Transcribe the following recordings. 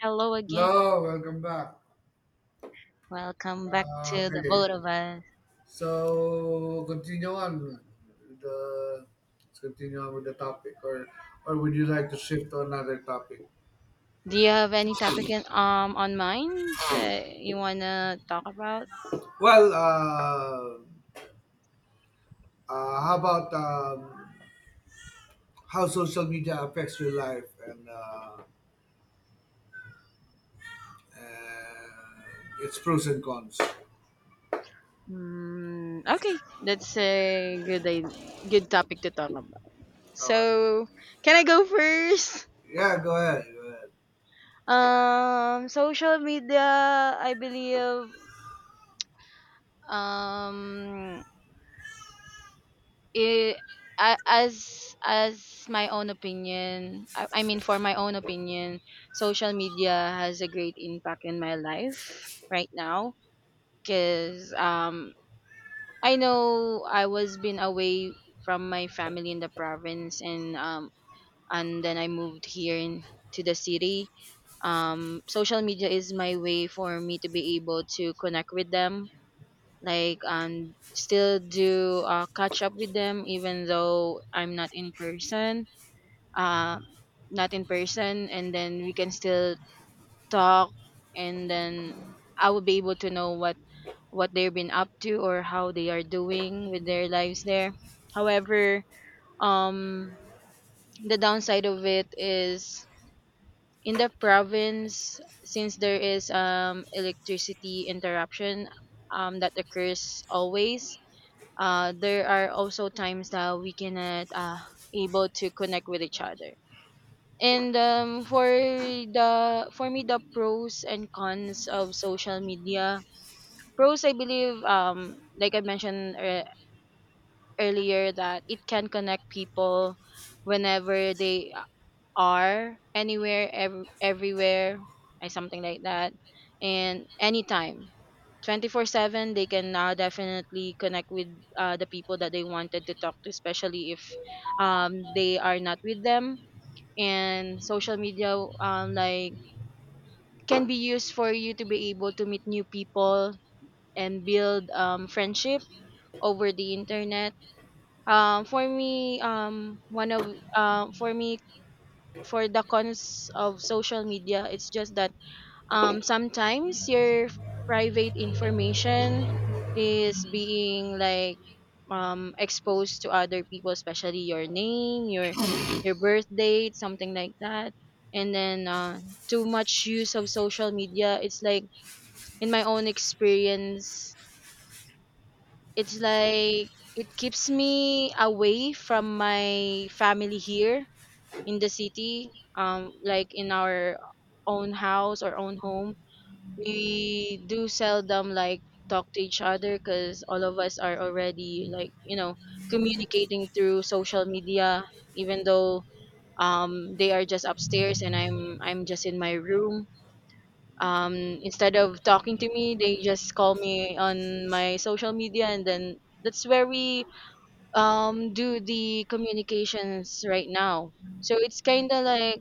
Hello again. Hello, welcome back. Welcome back Uh, to the okay, both of us. so continue on with the let's continue on with the topic, or would you like to shift to another topic? Do you have any topic on mind that you wanna talk about? Well, uh, how about how social media affects your life and its pros and cons? Mm, okay, that's a good i- good topic to talk about. All right. So, can I go first? Yeah, go ahead. Go ahead. Social media, I believe, um, I as my own opinion, I mean for my own opinion, social media has a great impact in my life right now because I know I was been away from my family in the province and then I moved here in to the city. Social media is my way for me to be able to connect with them like and still do catch up with them even though I'm not in person, uh, not in person, and then we can still talk and then I will be able to know what they've been up to or how they are doing with their lives there. However, um the downside of it is in the province, since there is electricity interruption that occurs always. There are also times that we cannot, able to connect with each other. And For the for me, the pros and cons of social media, pros, I believe, like I mentioned earlier, that it can connect people whenever they are anywhere, everywhere, or something like that, and anytime, 24/7, they can now definitely connect with, the people that they wanted to talk to, especially if they are not with them. And social media, like, can be used for you to be able to meet new people and build, friendship over the internet. For me, one of for me, for the cons of social media, it's just that sometimes your private information is being like, exposed to other people, especially your name, your birth date, something like that. And then, too much use of social media, it's like, in my own experience, it's like it keeps me away from my family here in the city, like in our own house or own home, we do seldom like talk to each other because all of us are already like communicating through social media. Even though they are just upstairs and I'm just in my room. Instead of talking to me, they just call me on my social media, and then that's where we do the communications right now. So it's kind of like,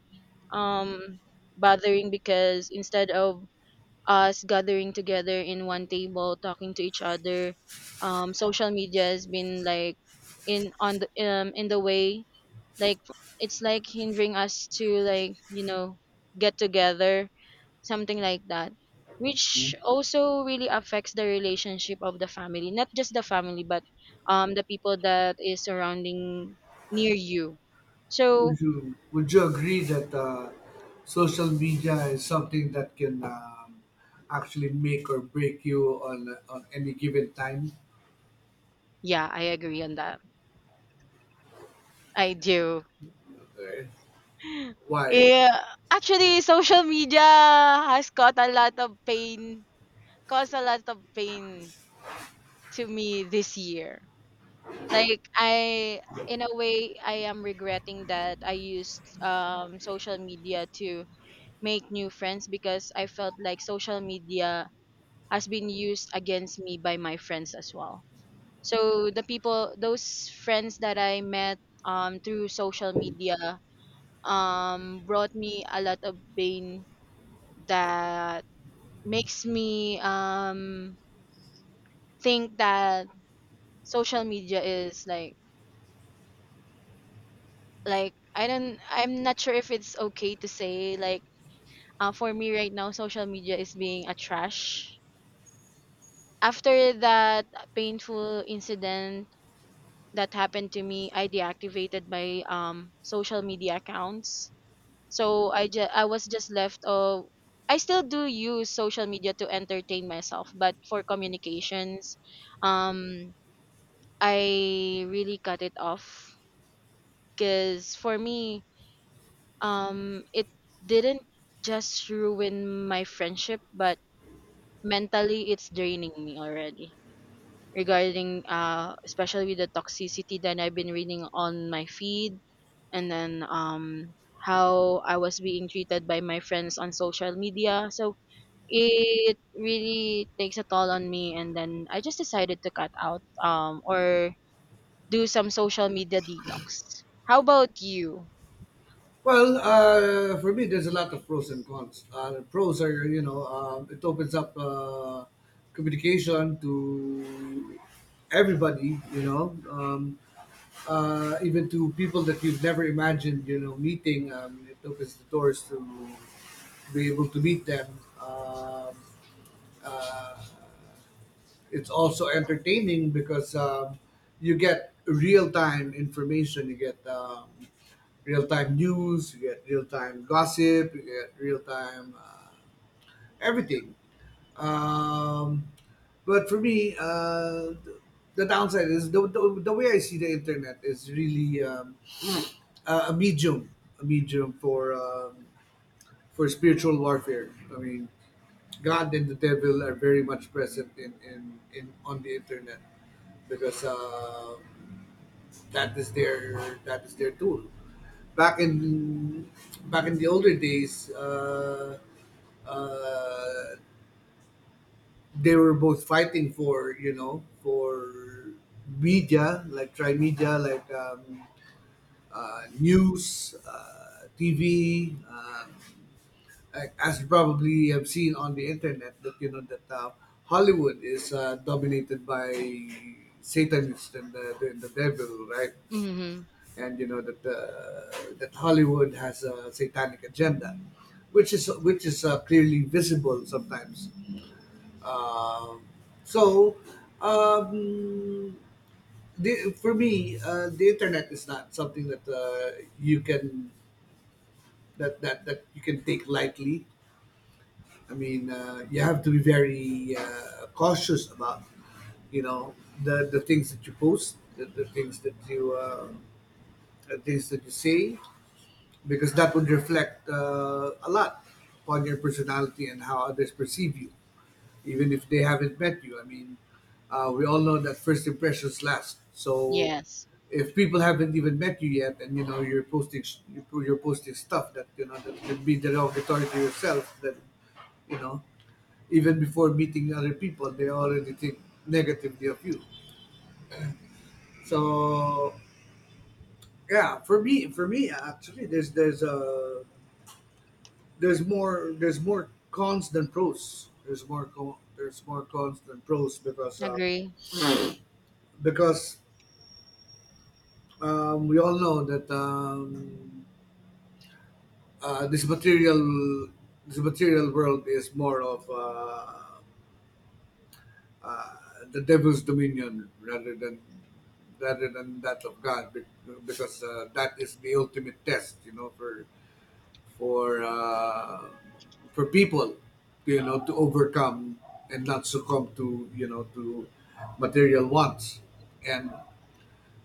um bothering, because instead of us gathering together in one table talking to each other, social media has been like in on the in the way, like it's like hindering us to like get together, something like that, which also really affects the relationship of the family, not just the family, but the people that is surrounding near you. So Would you agree that social media is something that can actually make or break you on any given time? yeah, I agree on that. I do. Okay. Why? Yeah, actually social media has caused a lot of pain, caused a lot of pain to me this year. Like I In a way, I am regretting that I used social media to make new friends, because I felt like social media has been used against me by my friends as well. So the people, those friends that I met, through social media, brought me a lot of pain that makes me, think that social media is like, I don't, I'm not sure if it's okay to say like, for me right now social media is being a trash. After that painful incident that happened to me, I deactivated my social media accounts. So I was just left of, I still do use social media to entertain myself, but for communications, um I really cut it off, because for me, it didn't just ruin my friendship, but mentally it's draining me already. Regarding, especially with the toxicity that I've been reading on my feed, and then how I was being treated by my friends on social media. So it really takes a toll on me, and then I just decided to cut out or do some social media detox. How about you? Well, for me, there's a lot of pros and cons. The pros are, you know, it opens up communication to everybody, you know. Um, Even to people that you've never imagined, you know, meeting. It opens the doors to be able to meet them. Um uh, it's also entertaining because you get real time information. You get real time news. You get real time gossip. You get real time everything. Um, but for me, the downside is the way I see the internet is really uh, a medium, a medium for spiritual warfare. I mean, God and the devil are very much present in on the internet because that is their that is their tool. Back in Back in the older days, uh, they were both fighting for, you know, for media like try media like news, TV. As you probably have seen on the internet, that, you know, that Hollywood is dominated by Satanists and the devil, right? Mhm. And you know that that Hollywood has a satanic agenda, which is clearly visible sometimes. Um so, um, for me, the internet is not something that you can that you can take lightly. I mean, you have to be very cautious about, you know, the things that you post, the things that you, the things that you say, because that would reflect a lot on your personality and how others perceive you, even if they haven't met you. I mean, we all know that first impressions last. So Yes. if people haven't even met you yet, and you know you're posting you're posting stuff that you know that could be derogatory to yourself, then you know even before meeting other people they already think negatively of you, so yeah, for me, actually there's more cons than pros, there's more cons than pros, because Agree. because we all know that uh, this material this material world is more of uh, the devil's dominion rather than that of God, because that is the ultimate test, you know, for uh, for people, you know, to overcome and not succumb to, you know, to material wants, and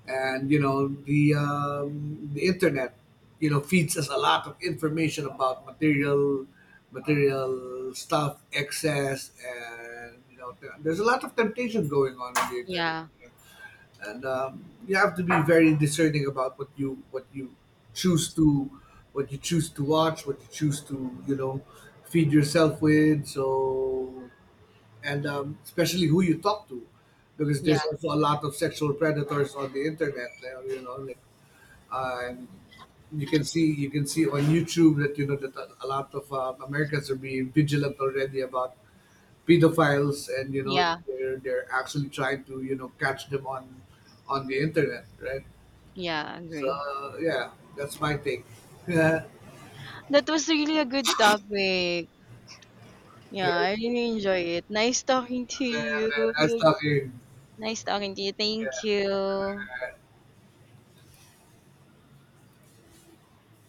and you know the internet, you know, feeds us a lot of information about material stuff, excess, and you know there's a lot of temptation going on in the internet, Yeah. and you have to be very discerning about what you choose to what you choose to watch, what you choose to, you know, feed yourself with. So and especially who you talk to, because Yeah. there's also a lot of sexual predators on the internet. Like, you know, like, um, you can see on YouTube that you know that a lot of Americans are being vigilant already about pedophiles, and you know Yeah. They're actually trying to, you know, catch them on the internet, right? Yeah, agree. So yeah, that's my take. That was really a good topic. Yeah, Yeah, yeah, I really enjoy it. Nice talking to yeah, you. yeah, nice talking. Nice talking to you. Thank you.